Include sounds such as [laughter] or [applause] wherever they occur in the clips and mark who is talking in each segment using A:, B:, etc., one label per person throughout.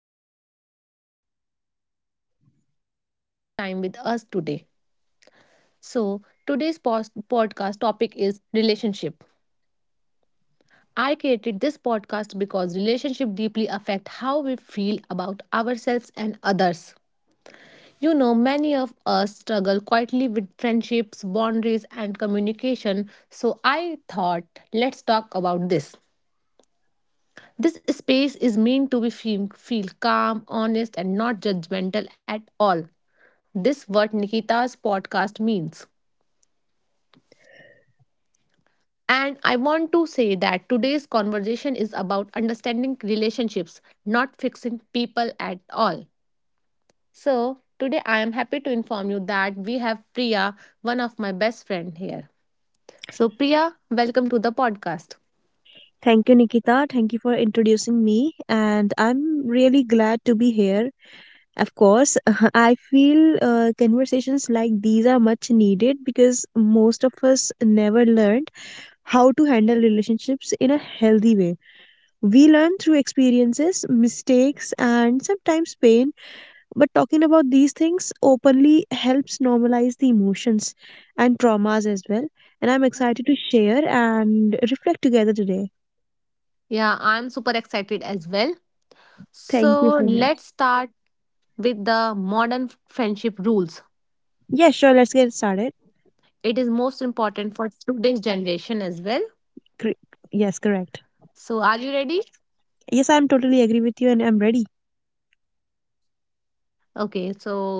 A: all know, and I'm really happy as you are spending this time with us today. So, today's podcast topic is relationship. I created this podcast because relationship deeply affect how we feel about ourselves and others. You know, many of us struggle quietly with friendships, boundaries, and communication. So, I thought let's talk about this. This space is meant to be feel calm, honest, and not judgmental at all. This what Nikita's podcast means. And I want to say that today's conversation is about understanding relationships, not fixing people at all. So, today I am happy to inform you that we have Priya, one of my best friend here. So, Priya, welcome to the podcast.
B: Thank you, Nikita. Thank you for introducing me. And I'm really glad to be here. Of course, [laughs] I feel conversations like these are much needed because most of us never learned how to handle relationships in a healthy way. We learn through experiences, mistakes, and sometimes pain, but talking about these things openly helps normalize the emotions and traumas as well. And I'm excited to share and reflect together today.
A: Yeah, I'm super excited as well.
B: Thank you
A: So,
B: so much.
A: let's start with the modern friendship rules.
B: Yeah, sure. Let's get started.
A: It is most important for today's generation as well.
B: Cor- Yes, correct.
A: So, are you ready?
B: Yes, I'm totally agree with you and I'm ready.
A: Okay, so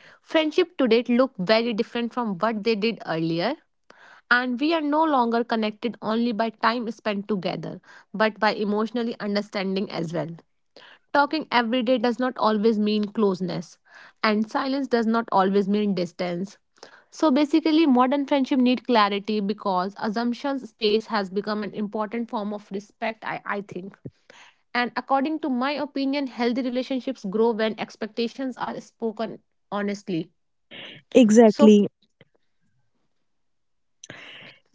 A: friendship today look very different from what they did earlier. And we are no longer connected only by time spent together, but by emotionally understanding as well. Talking every day does not always mean closeness, and silence does not always mean distance. So basically, modern friendship need clarity because assumptions space has become an important form of respect, I think. And according to my opinion, healthy relationships grow when expectations are spoken honestly. So
B: Exactly.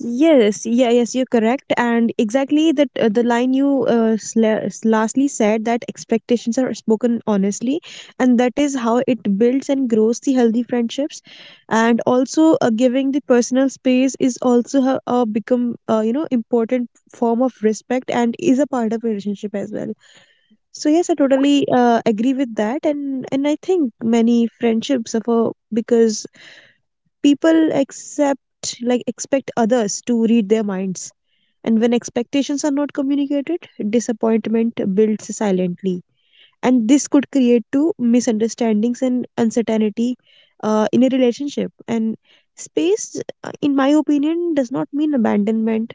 B: Yes, yeah, yes, you're correct. And exactly that the line you lastly said that expectations are spoken honestly, and that is how it builds and grows the healthy friendships. And also, giving the personal space is also become important form of respect and is a part of relationship as well. So yes, I totally agree with that, and I think many friendships suffer because people accept like expect others to read their minds, and when expectations are not communicated, disappointment builds silently, and this could create to misunderstandings and uncertainty in a relationship. And space, in my opinion, does not mean abandonment.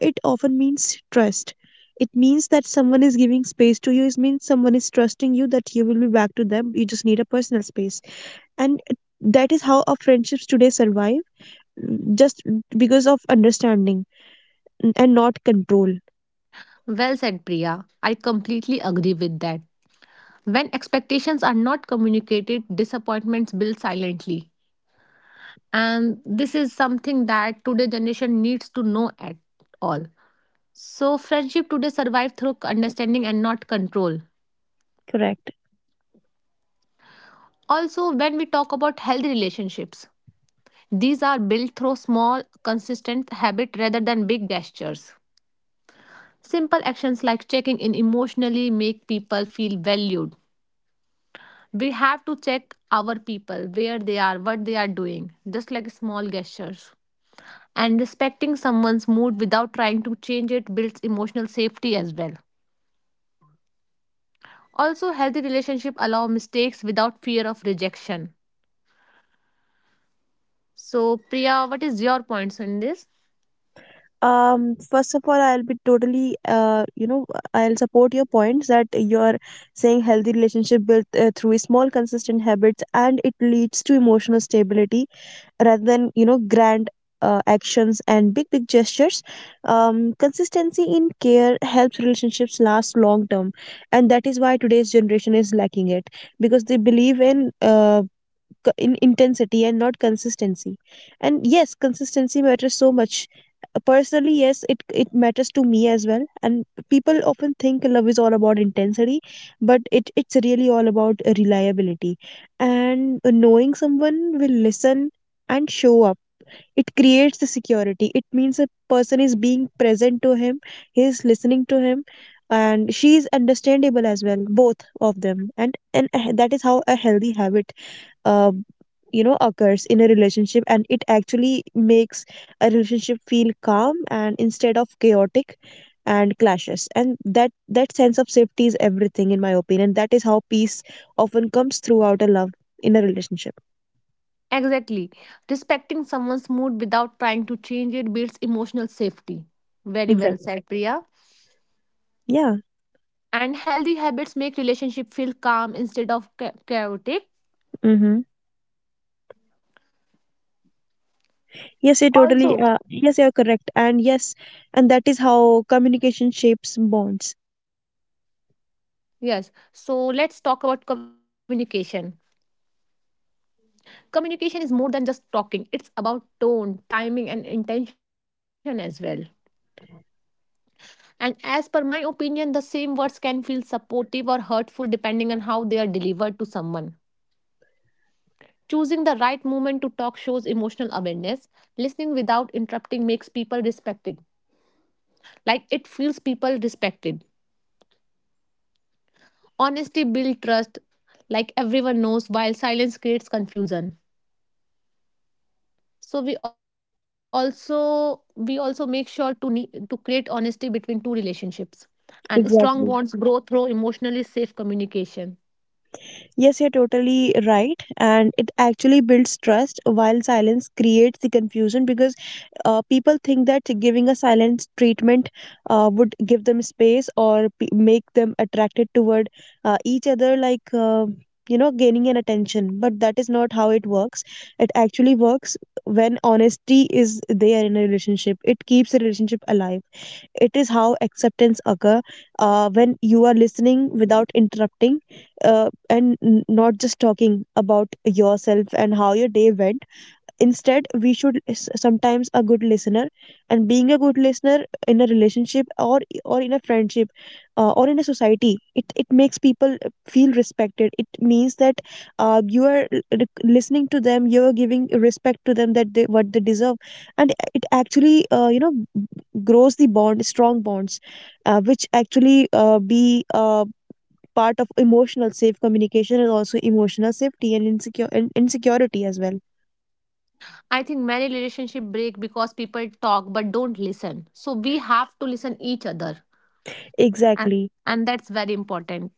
B: It often means trust. It means that someone is giving space to you. It means someone is trusting you, that you will be back to them. You just need a personal space. And that is how our friendships today survive, just because of understanding and not control.
A: well said, Priya. I completely agree with that. When expectations are not communicated, disappointments build silently, and this is something that today generation needs to know at all. So friendship today survive through understanding and not control.
B: Correct.
A: Also, when we talk about healthy relationships, these are built through small consistent habit rather than big gestures. Simple actions like checking in emotionally make people feel valued. We have to check our people where they are, what they are doing, just like small gestures. And respecting someone's mood without trying to change it builds emotional safety as well. Also healthy relationships allow mistakes without fear of rejection. So Priya, what is your points on this?
B: First of all, I'll be totally, I'll support your points that you're saying healthy relationship built through small, consistent habits, and it leads to emotional stability rather than, grand actions and big, big gestures. Consistency in care helps relationships last long term, and that is why today's generation is lacking it because they believe in intensity and not consistency. And yes, consistency matters so much. Personally, yes, it matters to me as well. And people often think love is all about intensity, but it's really all about reliability and knowing someone will listen and show up. It creates the security. It means a person is being present to him, he is listening to him, and she is understandable as well, both of them. And that is how a healthy habit uh, occurs in a relationship, and it actually makes a relationship feel calm and instead of chaotic and clashes. And that sense of safety is everything, in my opinion. That is how peace often comes throughout a love in a relationship.
A: Exactly, respecting someone's mood without trying to change it builds emotional safety. Very well
B: Exactly.
A: said, Priya.
B: Yeah.
A: And healthy habits make relationship feel calm instead of chaotic.
B: Mm-hmm. Yes, you totally,
A: Also
B: yes, you're correct. And yes, and that is how communication shapes bonds.
A: yes, so let's talk about communication. Communication is more than just talking, it's about tone, timing, and intention as well. And as per my opinion, the same words can feel supportive or hurtful depending on how they are delivered to someone. Choosing the right moment to talk shows emotional awareness. Listening without interrupting makes people respected. Like it feels people respected. Honesty builds trust. Like everyone knows, while silence creates confusion. So we also make sure to need to create honesty between two relationships, and strong bonds
B: Exactly.
A: grow through emotionally safe communication.
B: Yes, you're totally right. And it actually builds trust while silence creates the confusion, because people think that giving a silent treatment would give them space or make them attracted toward each other, like, gaining an attention. But that is not how it works. It actually works when honesty is there in a relationship. It keeps the relationship alive. It is how acceptance occur when you are listening without interrupting, and not just talking about yourself and how your day went. Instead, we should is sometimes a good listener, and being a good listener in a relationship or in a friendship, or in a society, it makes people feel respected. It means that you are listening to them, you are giving respect to them, that they what they deserve. And it actually grows the bond, strong bonds, which actually be part of emotional safe communication, and also emotional safety and insecure and insecurity as well.
A: I think many relationship break because people talk but don't listen, so we have to listen each other. and,
B: Exactly.
A: and that's very important.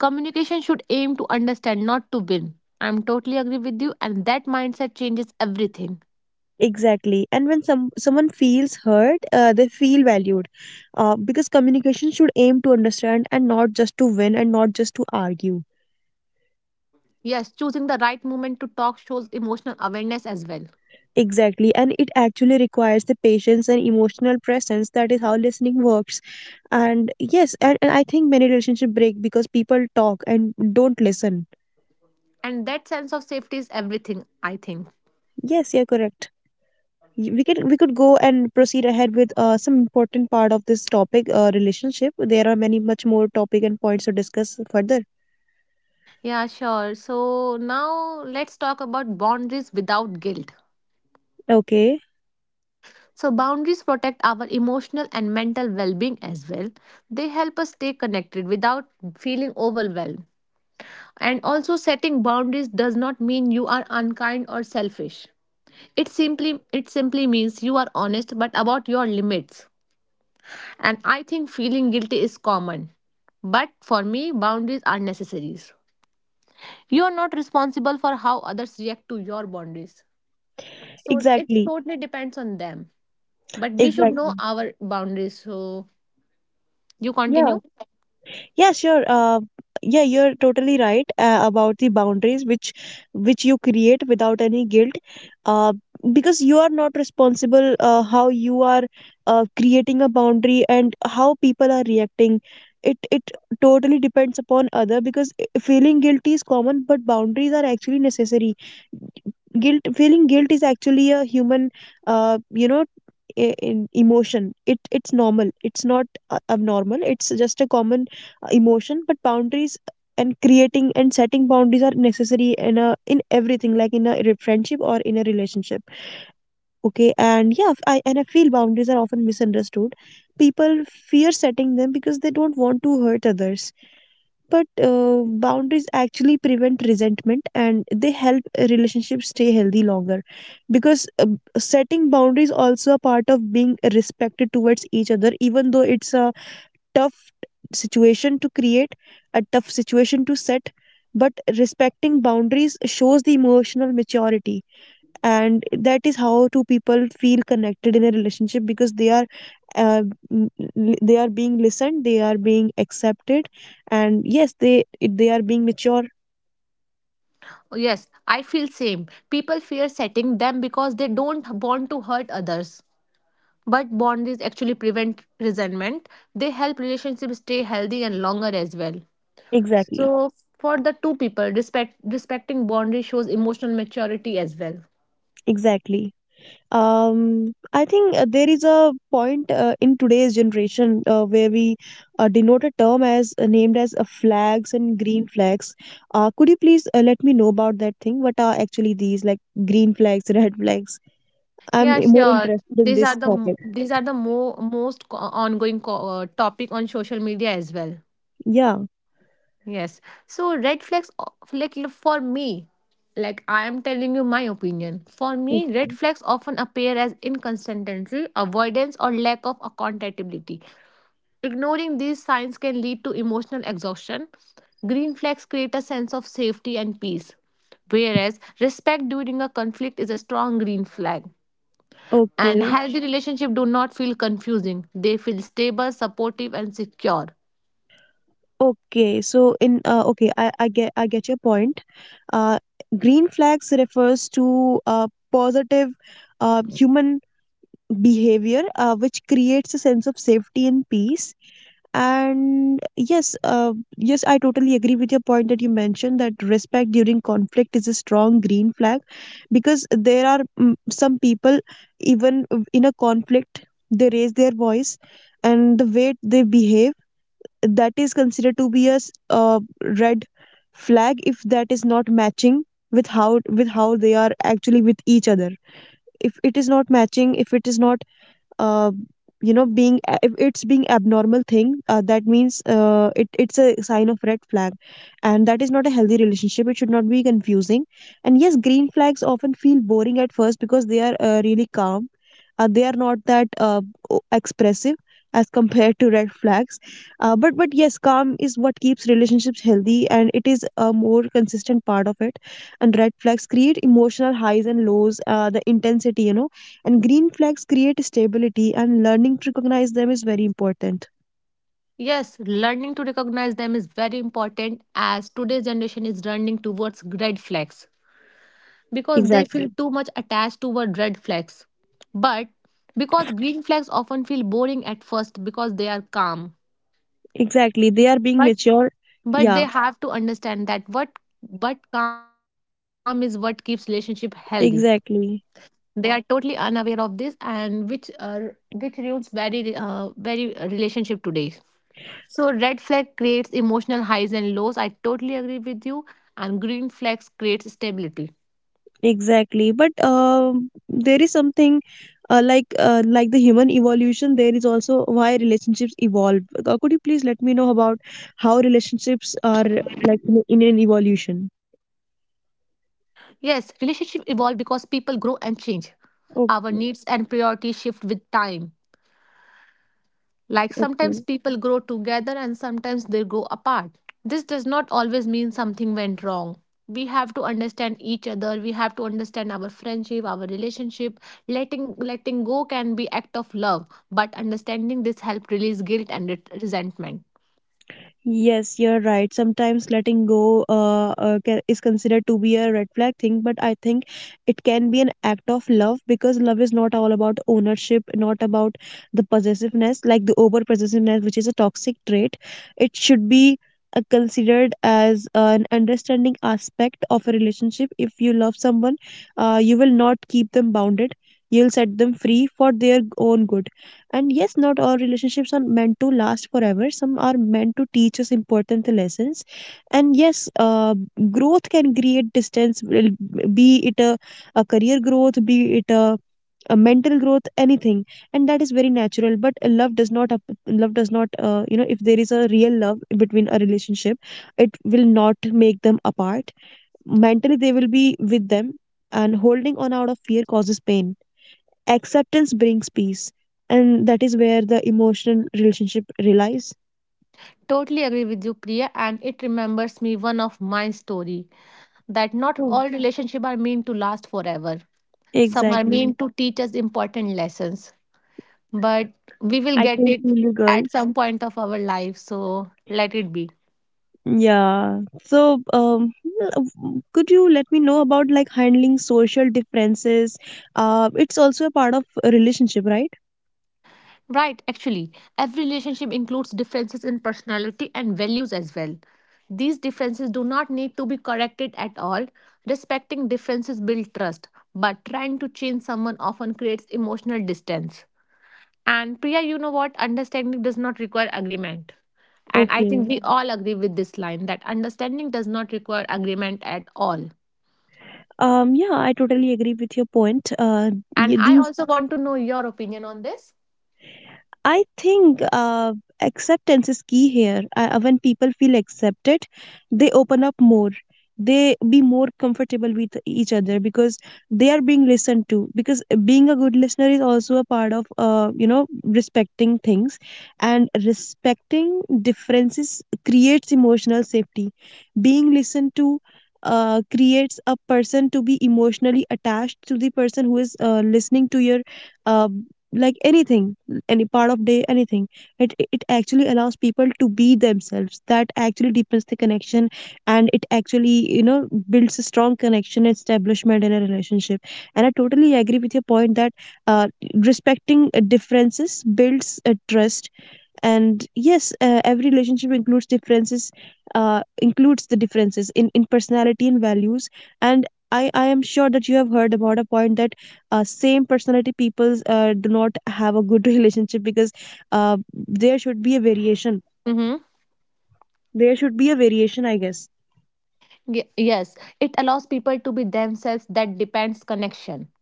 A: Communication should aim to understand, not to win. I'm totally agree with you, and that mindset changes everything.
B: Exactly. And when someone feels hurt, they feel valued. Because communication should aim to understand and not just to win and not just to argue.
A: Yes, choosing the right moment to talk shows emotional awareness as well.
B: Exactly. And it actually requires the patience and emotional presence. That is how listening works. And yes, and I think many relationships break because people talk and don't listen.
A: And that sense of safety is everything, I think.
B: Yes, you're correct. We can we could go and proceed ahead with some important part of this topic, relationship. There are many much more topic and points to discuss further.
A: Yeah, sure. So now let's talk about boundaries without guilt.
B: Okay.
A: So boundaries protect our emotional and mental well-being as well. They help us stay connected without feeling overwhelmed. And also setting boundaries does not mean you are unkind or selfish. It simply it simply means you are honest but about your limits. And I think feeling guilty is common, but for me boundaries are necessaries. You're not responsible for how others react to your boundaries. So it
B: Exactly.
A: totally depends on them. But we should know
B: Exactly.
A: our boundaries. So you
B: Yeah.
A: continue?
B: Yeah, sure, yeah you're totally right about the boundaries which you create without any guilt, uh, because you are not responsible how you are creating a boundary and how people are reacting. It totally depends upon other, because feeling guilty is common, but boundaries are actually necessary. Guilt, feeling guilt is actually a human uh, you know emotion. It's normal. It's not abnormal. It's just a common emotion. But boundaries, and creating and setting boundaries are necessary in a in everything, like in a friendship or in a relationship. Okay. And yeah, I feel boundaries are often misunderstood. People fear setting them because they don't want to hurt others, but boundaries actually prevent resentment, and they help relationships stay healthy longer, because setting boundaries also a part of being respected towards each other, even though it's a tough situation to create, a tough situation to set. But respecting boundaries shows the emotional maturity. And that is how two people feel connected in a relationship, because they are uh, m- they are being listened, they are being accepted, and yes, they are being mature.
A: Yes, I feel same. People fear setting them because they don't want to hurt others. But boundaries actually prevent resentment. They help relationships stay healthy and longer as well.
B: Exactly,
A: So for the two people, respecting boundaries shows emotional maturity as well.
B: exactly. I think there is a point in today's generation where we denote a term as named as flags and green flags. Could you please let me know about that thing? What are actually these, like green flags, [laughs] red flags? I'm
A: Yeah,
B: more
A: sure.
B: interested in
A: These are
B: this
A: the
B: topic.
A: these are the ongoing topic on social media as well.
B: Yeah.
A: Yes. So red flags, like for me, like I am telling you my opinion. For me, red
B: Okay.
A: flags often appear as inconsistency, avoidance, or lack of accountability. Ignoring these signs can lead to emotional exhaustion. Green flags create a sense of safety and peace, whereas respect during a conflict is a strong green flag. And
B: Okay.
A: healthy relationships do not feel confusing. They feel stable, supportive, and secure.
B: Okay. So in okay, I get I get your point. Uh, green flags refers to positive human behavior which creates a sense of safety and peace. And yes, I totally agree with your point that you mentioned, that respect during conflict is a strong green flag, because there are some people, even in a conflict, they raise their voice, and the way they behave, that is considered to be a red flag. If that is not matching with how they are actually with each other, if it is not matching, if it is not uh, if it's being abnormal thing, that means it's a sign of red flag. And that is not a healthy relationship. It should not be confusing. And yes, green flags often feel boring at first because they are really calm, they are not that expressive as [laughs] compared to red flags. But yes, calm is what keeps relationships healthy, and it is a more consistent part of it. And red flags create emotional highs and lows, the intensity, and green flags create stability, and learning to recognize them is very important.
A: Yes, learning to recognize them is very important as today's generation is running towards red flags because they
B: Exactly.
A: feel too much attached toward red flags. But because green flags often feel boring at first because they are calm.
B: Exactly. They are being
A: But
B: mature.
A: but they
B: Yeah,
A: have to understand that what but calm is what keeps relationship healthy.
B: exactly.
A: They are totally unaware of this and which are which ruins very very relationship today. So red flag creates emotional highs and lows, I totally agree with you. And green flags creates stability.
B: Exactly. But there is something like the human evolution. There is also why relationships evolve. Could you please let me know about how relationships are, like, in an evolution?
A: Yes, relationship evolve because people grow and change. Our needs
B: Okay.
A: and priorities shift with time. Like sometimes
B: Okay.
A: people grow together and sometimes they grow apart. This does not always mean something went wrong. We have to understand each other. We have to understand our friendship, our relationship. Letting go can be act of love, but understanding this help release guilt and resentment.
B: Yes, you're right. Sometimes letting go, is considered to be a red flag thing, but I think it can be an act of love, because love is not all about ownership, not about the possessiveness, like the over possessiveness, which is a toxic trait. It should be considered as an understanding aspect of a relationship. If you love someone, you will not keep them bounded. You'll set them free for their own good. And yes, not all relationships are meant to last forever. Some are meant to teach us important lessons. And yes, growth can create distance, be it a career growth, be it a mental growth, anything. And that is very natural. But love does not, if there is a real love between a relationship, it will not make them apart. Mentally, they will be with them. And holding on out of fear causes pain. Acceptance brings peace. And that is where the emotional relationship relies.
A: Totally agree with you, Priya, and it remembers me one of my story that not
B: Oh,
A: all relationships are meant to last forever. Some are
B: exactly.
A: meant to teach us important lessons, but we will
B: I
A: get
B: can
A: it
B: feel you, girl.
A: at some point of our life, so let it be.
B: Yeah. So, um w- could you let me know about, like, handling social differences? It's also a part of a relationship, right?
A: Right, actually every relationship includes differences in personality and values as well. These differences do not need to be corrected at all. Respecting differences builds trust, but trying to change someone often creates emotional distance. And Priya, you know what, understanding does not require agreement. And I think
B: Okay.
A: we all agree with this line that understanding does not require agreement at all.
B: Yeah, I totally agree with your point.
A: And
B: Y-
A: I
B: these
A: also want to know your opinion on this.
B: I think acceptance is key here. When people feel accepted, they open up more. They be more comfortable with each other because they are being listened to. Because being a good listener is also a part of, respecting things, and respecting differences creates emotional safety. Being listened to creates a person to be emotionally attached to the person who is listening to your uh, like anything any part of day anything it actually allows people to be themselves that actually deepens the connection and it actually builds a strong connection and establishment in a relationship and I totally agree with your point that uh, respecting differences builds a trust. And yes, every relationship includes differences, includes the differences in personality and values. And I am sure that you have heard about a point that same personality peoples do not have a good [laughs] relationship because there should be a variation,
A: Mm-hmm.
B: there should be a variation, I guess.
A: Ye- yes, it allows people to be themselves that depends connection.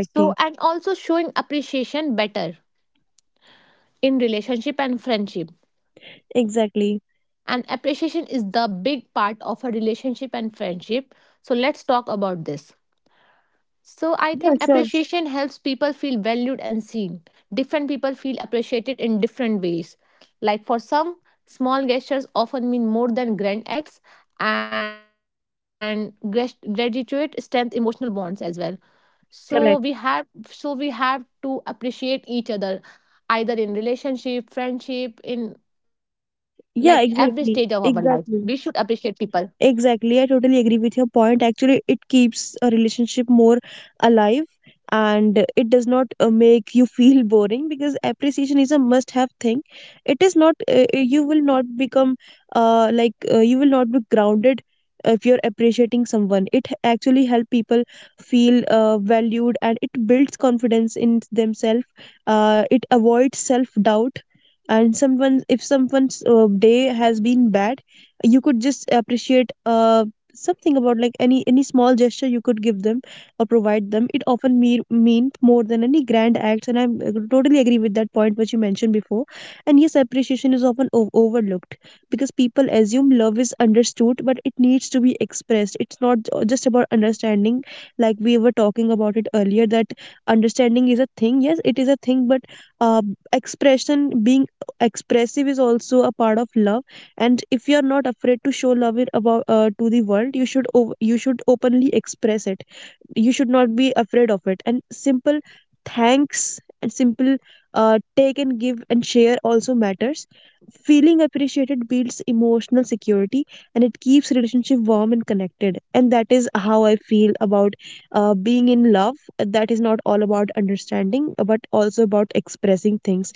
A: So, and also showing appreciation better in relationship and friendship.
B: Exactly.
A: And appreciation is the big part of a relationship and friendship. So, let's talk about this. So I
B: Yeah,
A: think
B: sure.
A: appreciation helps people feel valued and seen. Different people feel appreciated in different ways. Like for some, small gestures often mean more than grand acts, and gratitude strengthens emotional bonds as well. So we
B: Correct.
A: have so we have to appreciate each other, either in relationship, friendship, in like every stage of
B: Yeah,
A: our life.
B: exactly,
A: We should appreciate
B: exactly.
A: people.
B: Exactly. I totally agree with your point. Actually, it keeps a relationship more alive, and it does not make you feel [laughs] boring, because appreciation is a must have thing. It is not, you will not become you will not be grounded if you're appreciating someone. It actually help people feel valued and it builds confidence in themselves. It avoids self doubt. And someone, if someone's day has been bad, you could just appreciate something about, like, any small gesture you could give them or provide them, it often mean more than any grand acts, and I totally agree with that point which you mentioned before. And yes, appreciation is often overlooked, because people assume love is understood but it needs to be expressed. It's not just about understanding, like we were talking about it earlier, that understanding is a thing, yes, it is a thing, but uh, expression, being expressive is also a part of love. And if you are not afraid to show love it about to the world, you should you should openly express it, you should not be afraid of it. And simple thanks and simple, take and give and share also matters. Feeling appreciated builds emotional security, and it keeps relationship warm and connected, and that is how I feel about being in love. That is not all about understanding but also about expressing things,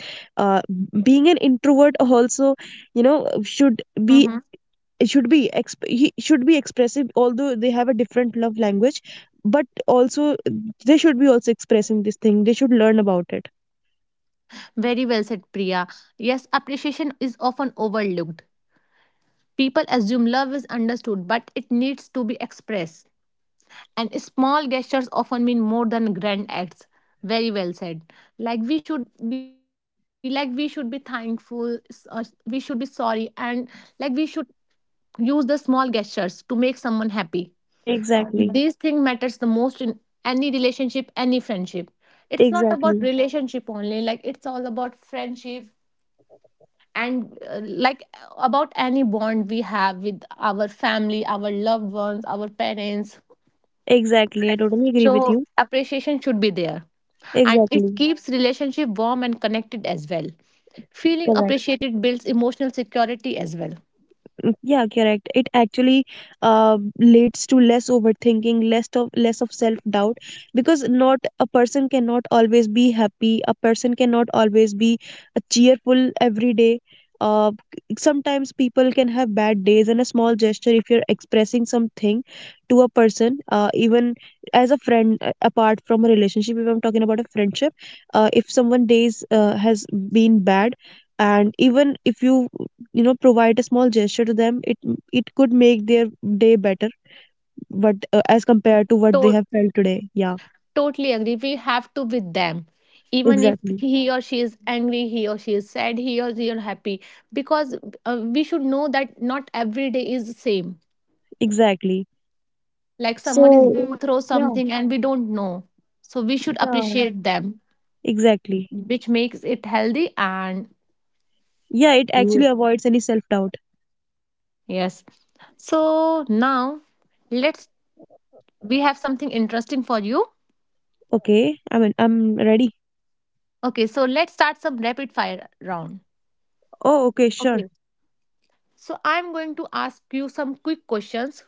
B: uh, being an introvert also, you know, should be,
A: Mm-hmm.
B: it should be he should be expressive, although they have a different love language, but also they should be also expressing this thing, they should learn about it.
A: Very well said, Priya. Yes, appreciation is often overlooked. People assume love is understood, but it needs to be expressed. And small gestures often mean more than grand acts. Very well said. Like we should be thankful, we should be sorry, and like we should use the small gestures to make someone happy. And
B: Exactly,
A: this thing matters the most in any relationship, any friendship. It's not about
B: exactly,
A: relationship only, like it's all about friendship. And like about any bond we have with our family, our loved ones, our parents.
B: exactly. I totally agree with
A: So
B: you.
A: appreciation should be there. And it
B: Exactly,
A: keeps relationship warm and connected as well. Feeling
B: correct.
A: appreciated builds emotional security as well.
B: Yeah, correct. It actually leads to less overthinking, less of self-doubt, because not a person cannot always be happy. A person cannot always be cheerful every day. Uh, sometimes people can have bad days, and a small gesture, if you're expressing something to a person, even as a friend, apart from a relationship, if I'm talking about a friendship, if someone days has been bad, and even if you, you know, provide a small gesture to them, it could make their day better, but as compared to what they
A: To-
B: have felt today. Yeah,
A: Totally agree. We have to with them. Even if
B: exactly,
A: he or she is angry, he or she is sad, he or she is happy. Because we should know that not every day is the same.
B: exactly.
A: Like someone is
B: So
A: going through
B: yeah.
A: something and we don't know. So we should
B: Yeah,
A: appreciate them,
B: exactly.
A: which makes it healthy and
B: Yeah, it actually avoids any self doubt.
A: yes. So now let's we have something interesting for you.
B: Okay, I mean, I'm ready.
A: Okay, so let's start some rapid fire round.
B: Oh, okay, sure.
A: Okay. So I'm going to ask you some quick questions.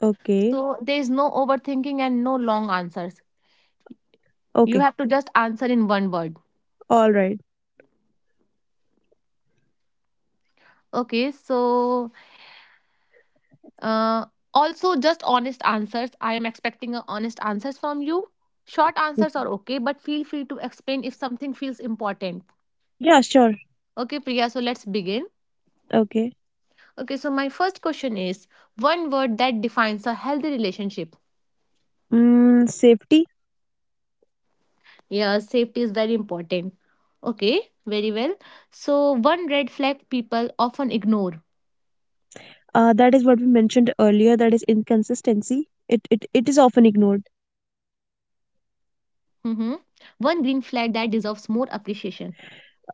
B: Okay.
A: So there is no overthinking and no long answers. You
B: Okay,
A: have to just answer in one word.
B: all right.
A: Okay, so uh also just honest answers. I am expecting a honest answers from you. Short
B: Okay.
A: answers are okay, but feel free to explain if something feels important.
B: Yeah, sure.
A: Okay, Priya, so let's begin.
B: Okay.
A: Okay, so my first question is one word that defines a healthy relationship.
B: Mm, safety.
A: Yeah, safety is very important. Okay, very well. So, one red flag people often ignore.
B: That is what we mentioned earlier. That is inconsistency. It is often ignored.
A: Mm-hmm. One green flag that deserves more appreciation.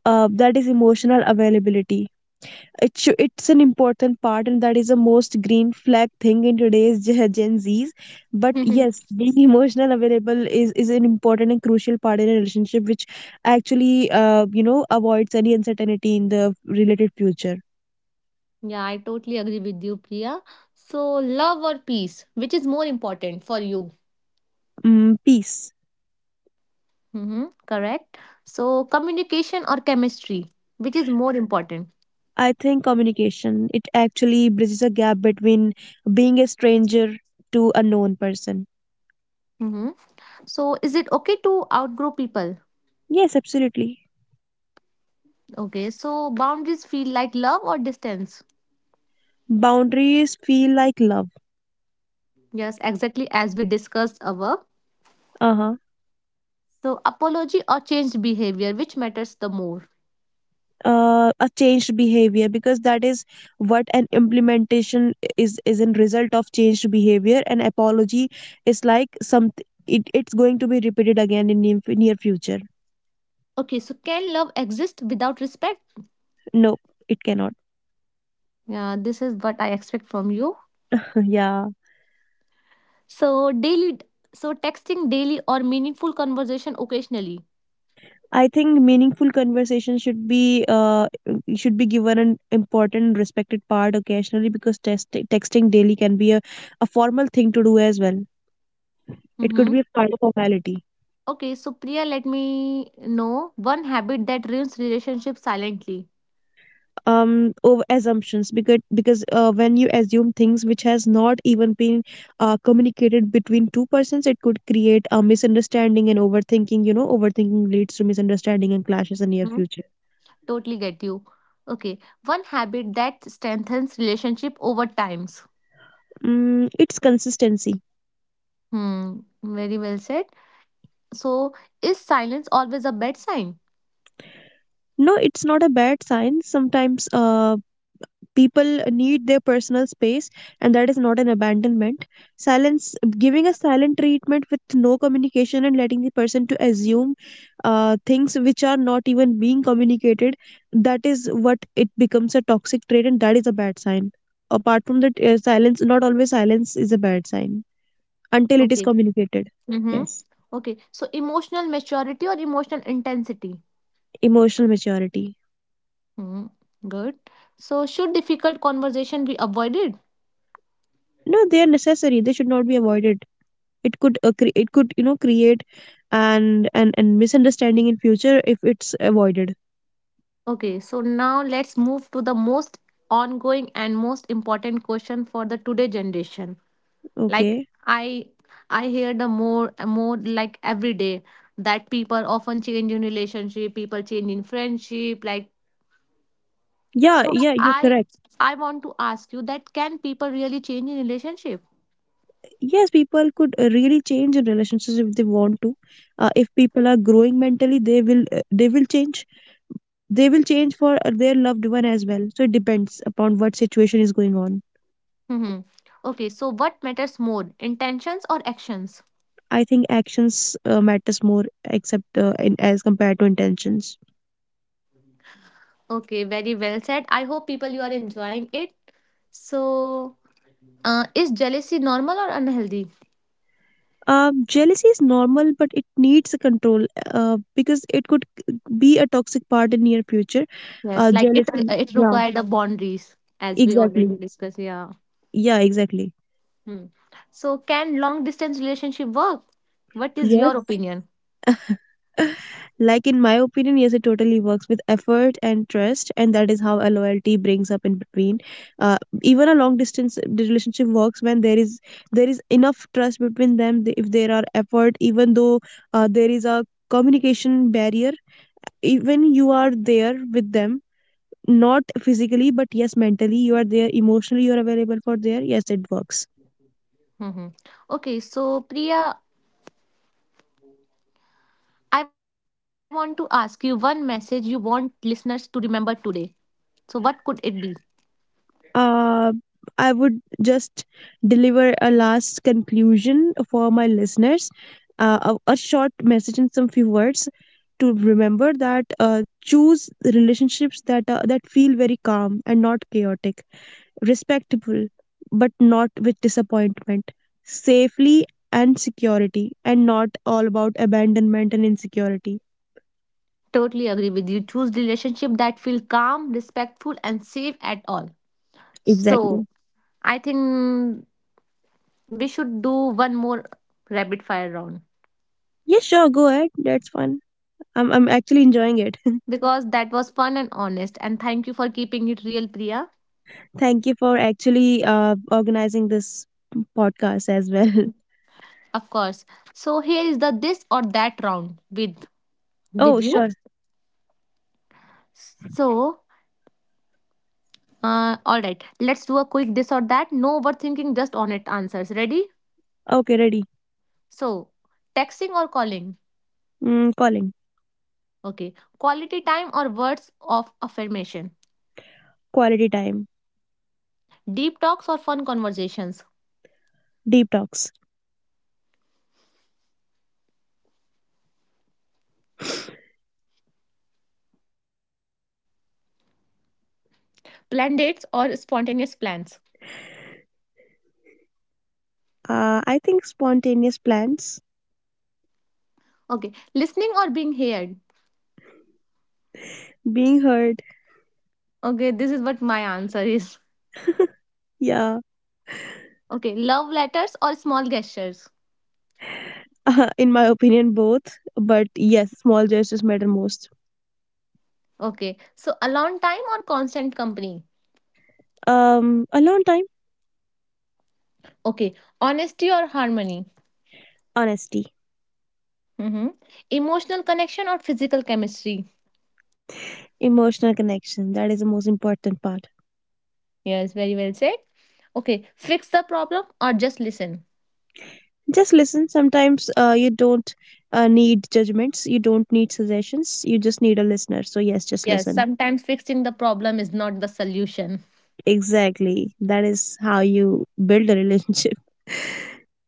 B: That is emotional availability. It's an important part, and that is the most green flag thing in today's [laughs] Gen Gen Zs. But
A: Mhm.
B: yes, being [laughs] emotional available is an important and crucial part in a relationship, which actually, avoids any uncertainty in the related future.
A: Yeah, I totally agree with you, Priya. So, love or peace, which is more important for you?
B: Mm, peace.
A: Mm-hmm. Correct. So, communication or chemistry, which is more important?
B: I think communication, it actually bridges a gap between being a stranger to a known person.
A: Mm-hmm. So, is it okay to outgrow people?
B: Yes, absolutely.
A: Okay, so boundaries feel like love or distance?
B: Boundaries feel like love.
A: Yes, exactly as we discussed above.
B: Uh huh.
A: So, apology or changed behavior, which matters the more?
B: Uh, a changed behavior, because that is what an implementation is a result of changed behavior. An apology is like some, it's going to be repeated again in near, near future.
A: Okay, so can love exist without respect?
B: No, it cannot.
A: Yeah, this is what I expect from you.
B: [laughs] Yeah,
A: So, daily, so texting daily or meaningful conversation occasionally.
B: I think meaningful conversation should be, should be given an important respected part occasionally, because texting daily can be a formal thing to do as well, it could
A: Mm-hmm.
B: be a kind of formality.
A: Okay, so Priya, let me know one habit that ruins relationship silently.
B: Um, over assumptions, because when you assume things which has not even been communicated between two persons, it could create a misunderstanding, and overthinking, you know, overthinking leads to misunderstanding and clashes in your
A: hmm
B: future.
A: Totally get you. Okay, one habit that strengthens relationship over times.
B: Mm, it's consistency.
A: Hmm. Very well said. So, is silence always a bad sign?
B: No, it's not a bad sign. Sometimes people need their personal space, and that is not an abandonment. Silence, giving a silent treatment with no communication and letting the person to assume things which are not even being communicated, that is what it becomes a toxic trait, and that is a bad sign. Apart from that, silence not always, silence is a bad sign until it is
A: Okay.
B: communicated.
A: Mm-hmm.
B: Yes.
A: Okay. So, emotional maturity or emotional intensity?
B: Emotional maturity.
A: Hmm. Good. So, should difficult conversation be avoided?
B: No, they are necessary, they should not be avoided. It could it could, you know, create and misunderstanding in future if it's avoided.
A: Okay. So, now let's move to the most ongoing and most important question for the today generation. Like
B: Okay.
A: I, I hear more like every day that people often change in relationship, people change in friendship, like.
B: Yeah,
A: So
B: yeah, you're
A: I
B: correct.
A: I want to ask you that can people really change in relationship?
B: Yes, people could really change in relationships if they want to, if people are growing mentally, they will change, they will change for their loved one as well, so it depends upon what situation is going on.
A: hmm Okay, so what matters more, intentions or actions?
B: I think actions matters more, except in, as compared to intentions.
A: Okay, very well said. I hope people you are enjoying it. So, is jealousy normal or unhealthy?
B: Jealousy is normal, but it needs a control because it could be a toxic part in near future.
A: Yes, like it
B: Jealousy.
A: it
B: Yeah,
A: required a boundaries as we already
B: exactly.
A: discussed. Yeah.
B: Yeah, exactly.
A: Hmm. So, can long distance relationship work? What is your
B: Yes.
A: opinion?
B: [laughs] Like in my opinion, yes, it totally works with effort and trust, and that is how a loyalty brings up in between. Uh, even a long distance relationship works when there is enough trust between them. If there are effort, even though there is a communication barrier, even you are there with them, not physically, but yes, mentally you are there, emotionally you are available for there. Yes, it works.
A: hmm Okay, so Priya, I want to ask you one message you want listeners to remember today. So, what could it be?
B: Uh, I would just deliver a last conclusion for my listeners, a short message in some few words to remember that choose relationships that that feel very calm and not chaotic, respectable but not with disappointment, safely and security, and not all about abandonment and insecurity.
A: Totally agree with you. Choose relationship that feel calm, respectful, and safe at all. So,
B: Exactly.
A: I think we should do one more rapid fire round
B: Yeah, sure, go ahead. That's fun. I'm actually enjoying it. [laughs]
A: because that was fun and honest. And thank you for keeping it real, Priya.
B: Thank you for actually organizing this podcast as well. [laughs]
A: Of course. So here is the this or that round with
B: Oh,
A: you.
B: sure.
A: So, all right. Let's do a quick this or that. No overthinking, just honest answers. Ready?
B: Okay, ready.
A: So, texting or calling?
B: Mm, calling.
A: Okay. Quality time or words of affirmation?
B: Quality time.
A: Deep talks or fun conversations?
B: Deep talks.
A: Planned dates or spontaneous plans?
B: I think spontaneous plans.
A: Okay. Listening or being heard?
B: Being heard.
A: Okay. This is what my answer is.
B: Yeah,
A: Okay. Love letters or small gestures?
B: [laughs] in my opinion, both. But yes, small gestures matter most.
A: Okay. So, alone time or constant company?
B: Alone time,
A: Okay. Honesty or harmony?
B: honesty,
A: Mm-hmm. Emotional connection or physical chemistry?
B: emotional connection. That is the most important part.
A: Yes. Very well said. Okay. Fix the problem or just listen?
B: Just listen. Sometimes you don't need judgments, you don't need suggestions, you just need a listener. So yes, just
A: Yes,
B: listen.
A: sometimes fixing the problem is not the solution.
B: Exactly, that is how you build a relationship.
A: Mhm.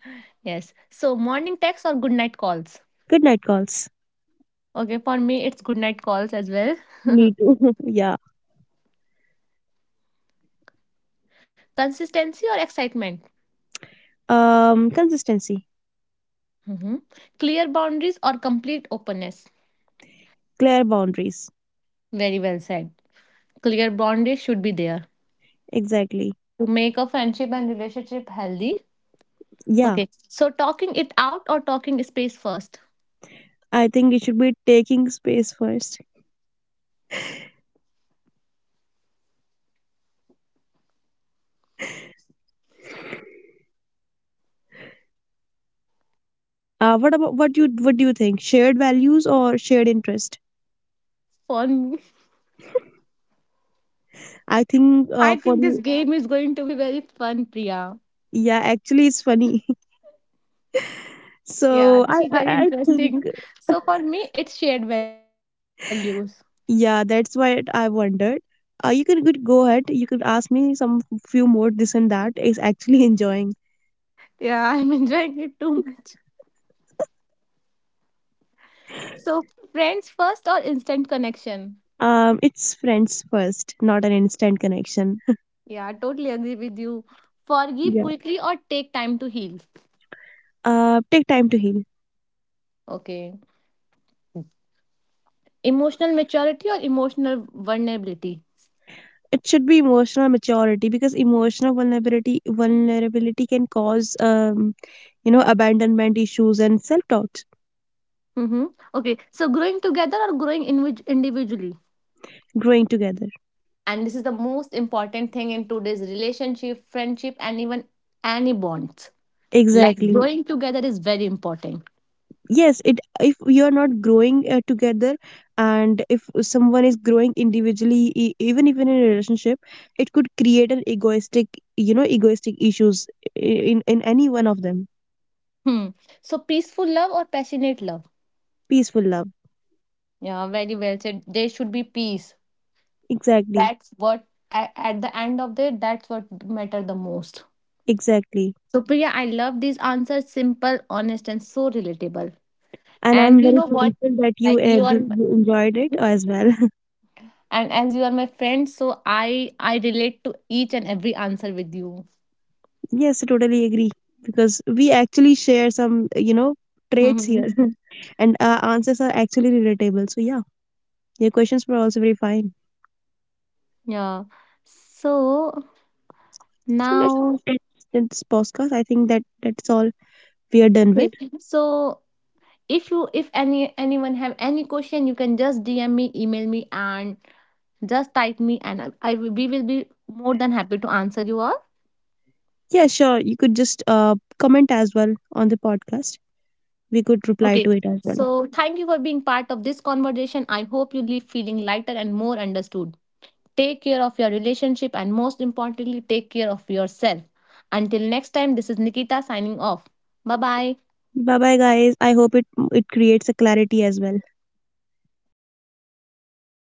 A: Yes. So, morning texts or good night calls?
B: [laughs] Good night calls.
A: Okay, for me, it's good night calls as well.
B: Me too.
A: [laughs]
B: [laughs] Yeah.
A: Consistency or excitement?
B: Um, consistency.
A: Mhm. Clear boundaries or complete openness?
B: Clear boundaries.
A: Very well said. Clear boundaries should be there
B: Exactly.
A: to make a friendship and relationship healthy.
B: Yeah,
A: Okay, so talking it out or talking space first?
B: I think you should be taking space first. Uh, what about, what do you think, shared values or shared interest?
A: For me,
B: I think
A: [laughs] I
B: for
A: think this
B: you.
A: [laughs] game is going to be very fun, Priya.
B: Yeah, actually it's funny. [laughs]
A: Yeah,
B: so
A: this
B: i
A: is
B: i,
A: very
B: I think.
A: interesting. So for me, it's shared values.
B: Yeah, that's why I wondered. You can good go ahead. You could ask me some few more this and that. Is actually [laughs] enjoying.
A: Yeah, [laughs] I'm enjoying it too much. So friends first or instant connection?
B: It's friends first, not an instant connection. [laughs]
A: Yeah, I totally agree with you. Forgive
B: Yeah.
A: quickly or take time to heal.
B: Take time to heal.
A: Okay. Emotional maturity or emotional vulnerability?
B: It should be emotional maturity, because emotional vulnerability can cause um, you know, abandonment issues and self doubt.
A: Mm-hmm. Okay. So growing together or growing individually?
B: Growing together.
A: And this is the most important thing in today's relationship, friendship, and even any bonds. Like
B: Exactly.
A: growing together is very important.
B: Yes, it, if we are not growing together, and if someone is growing individually, even in a relationship, it could create an egoistic, you know, egoistic issues in any one of them.
A: Hmm. So peaceful love or passionate love?
B: Peaceful love.
A: Yeah, very well said. There should be peace.
B: Exactly.
A: That's what at the end of the day, that's what matter the most.
B: Exactly.
A: So Priya, I love these answers. Simple, honest, and so relatable.
B: And
A: And
B: I'm
A: you
B: very
A: know what?
B: thankful that you,
A: Like you are,
B: you enjoyed it as well.
A: and as you are my friend, so I relate to each and every answer with you. [laughs]
B: [laughs] Yes, I totally agree, because we actually share some, you know, traits
A: Mhm.
B: here. [laughs] And our answers are actually relatable, so yeah, your questions were also very fine.
A: Yeah. So
B: So let's
A: now,
B: end this podcast. I think that's all we are done with.
A: okay. So if any anyone have any question you can just dm me email me and just type me and I will- we will be more than happy to answer you all.
B: Yeah, sure. You could just comment as well on the podcast. We could reply
A: Okay,
B: to it as well.
A: so thank you for being part of this conversation. I hope you leave feeling lighter and more understood. Take care of your relationship and most importantly take care of yourself. Until next time this is Nikita signing off. Bye bye.
B: Bye bye, guys. I hope it creates a clarity as well.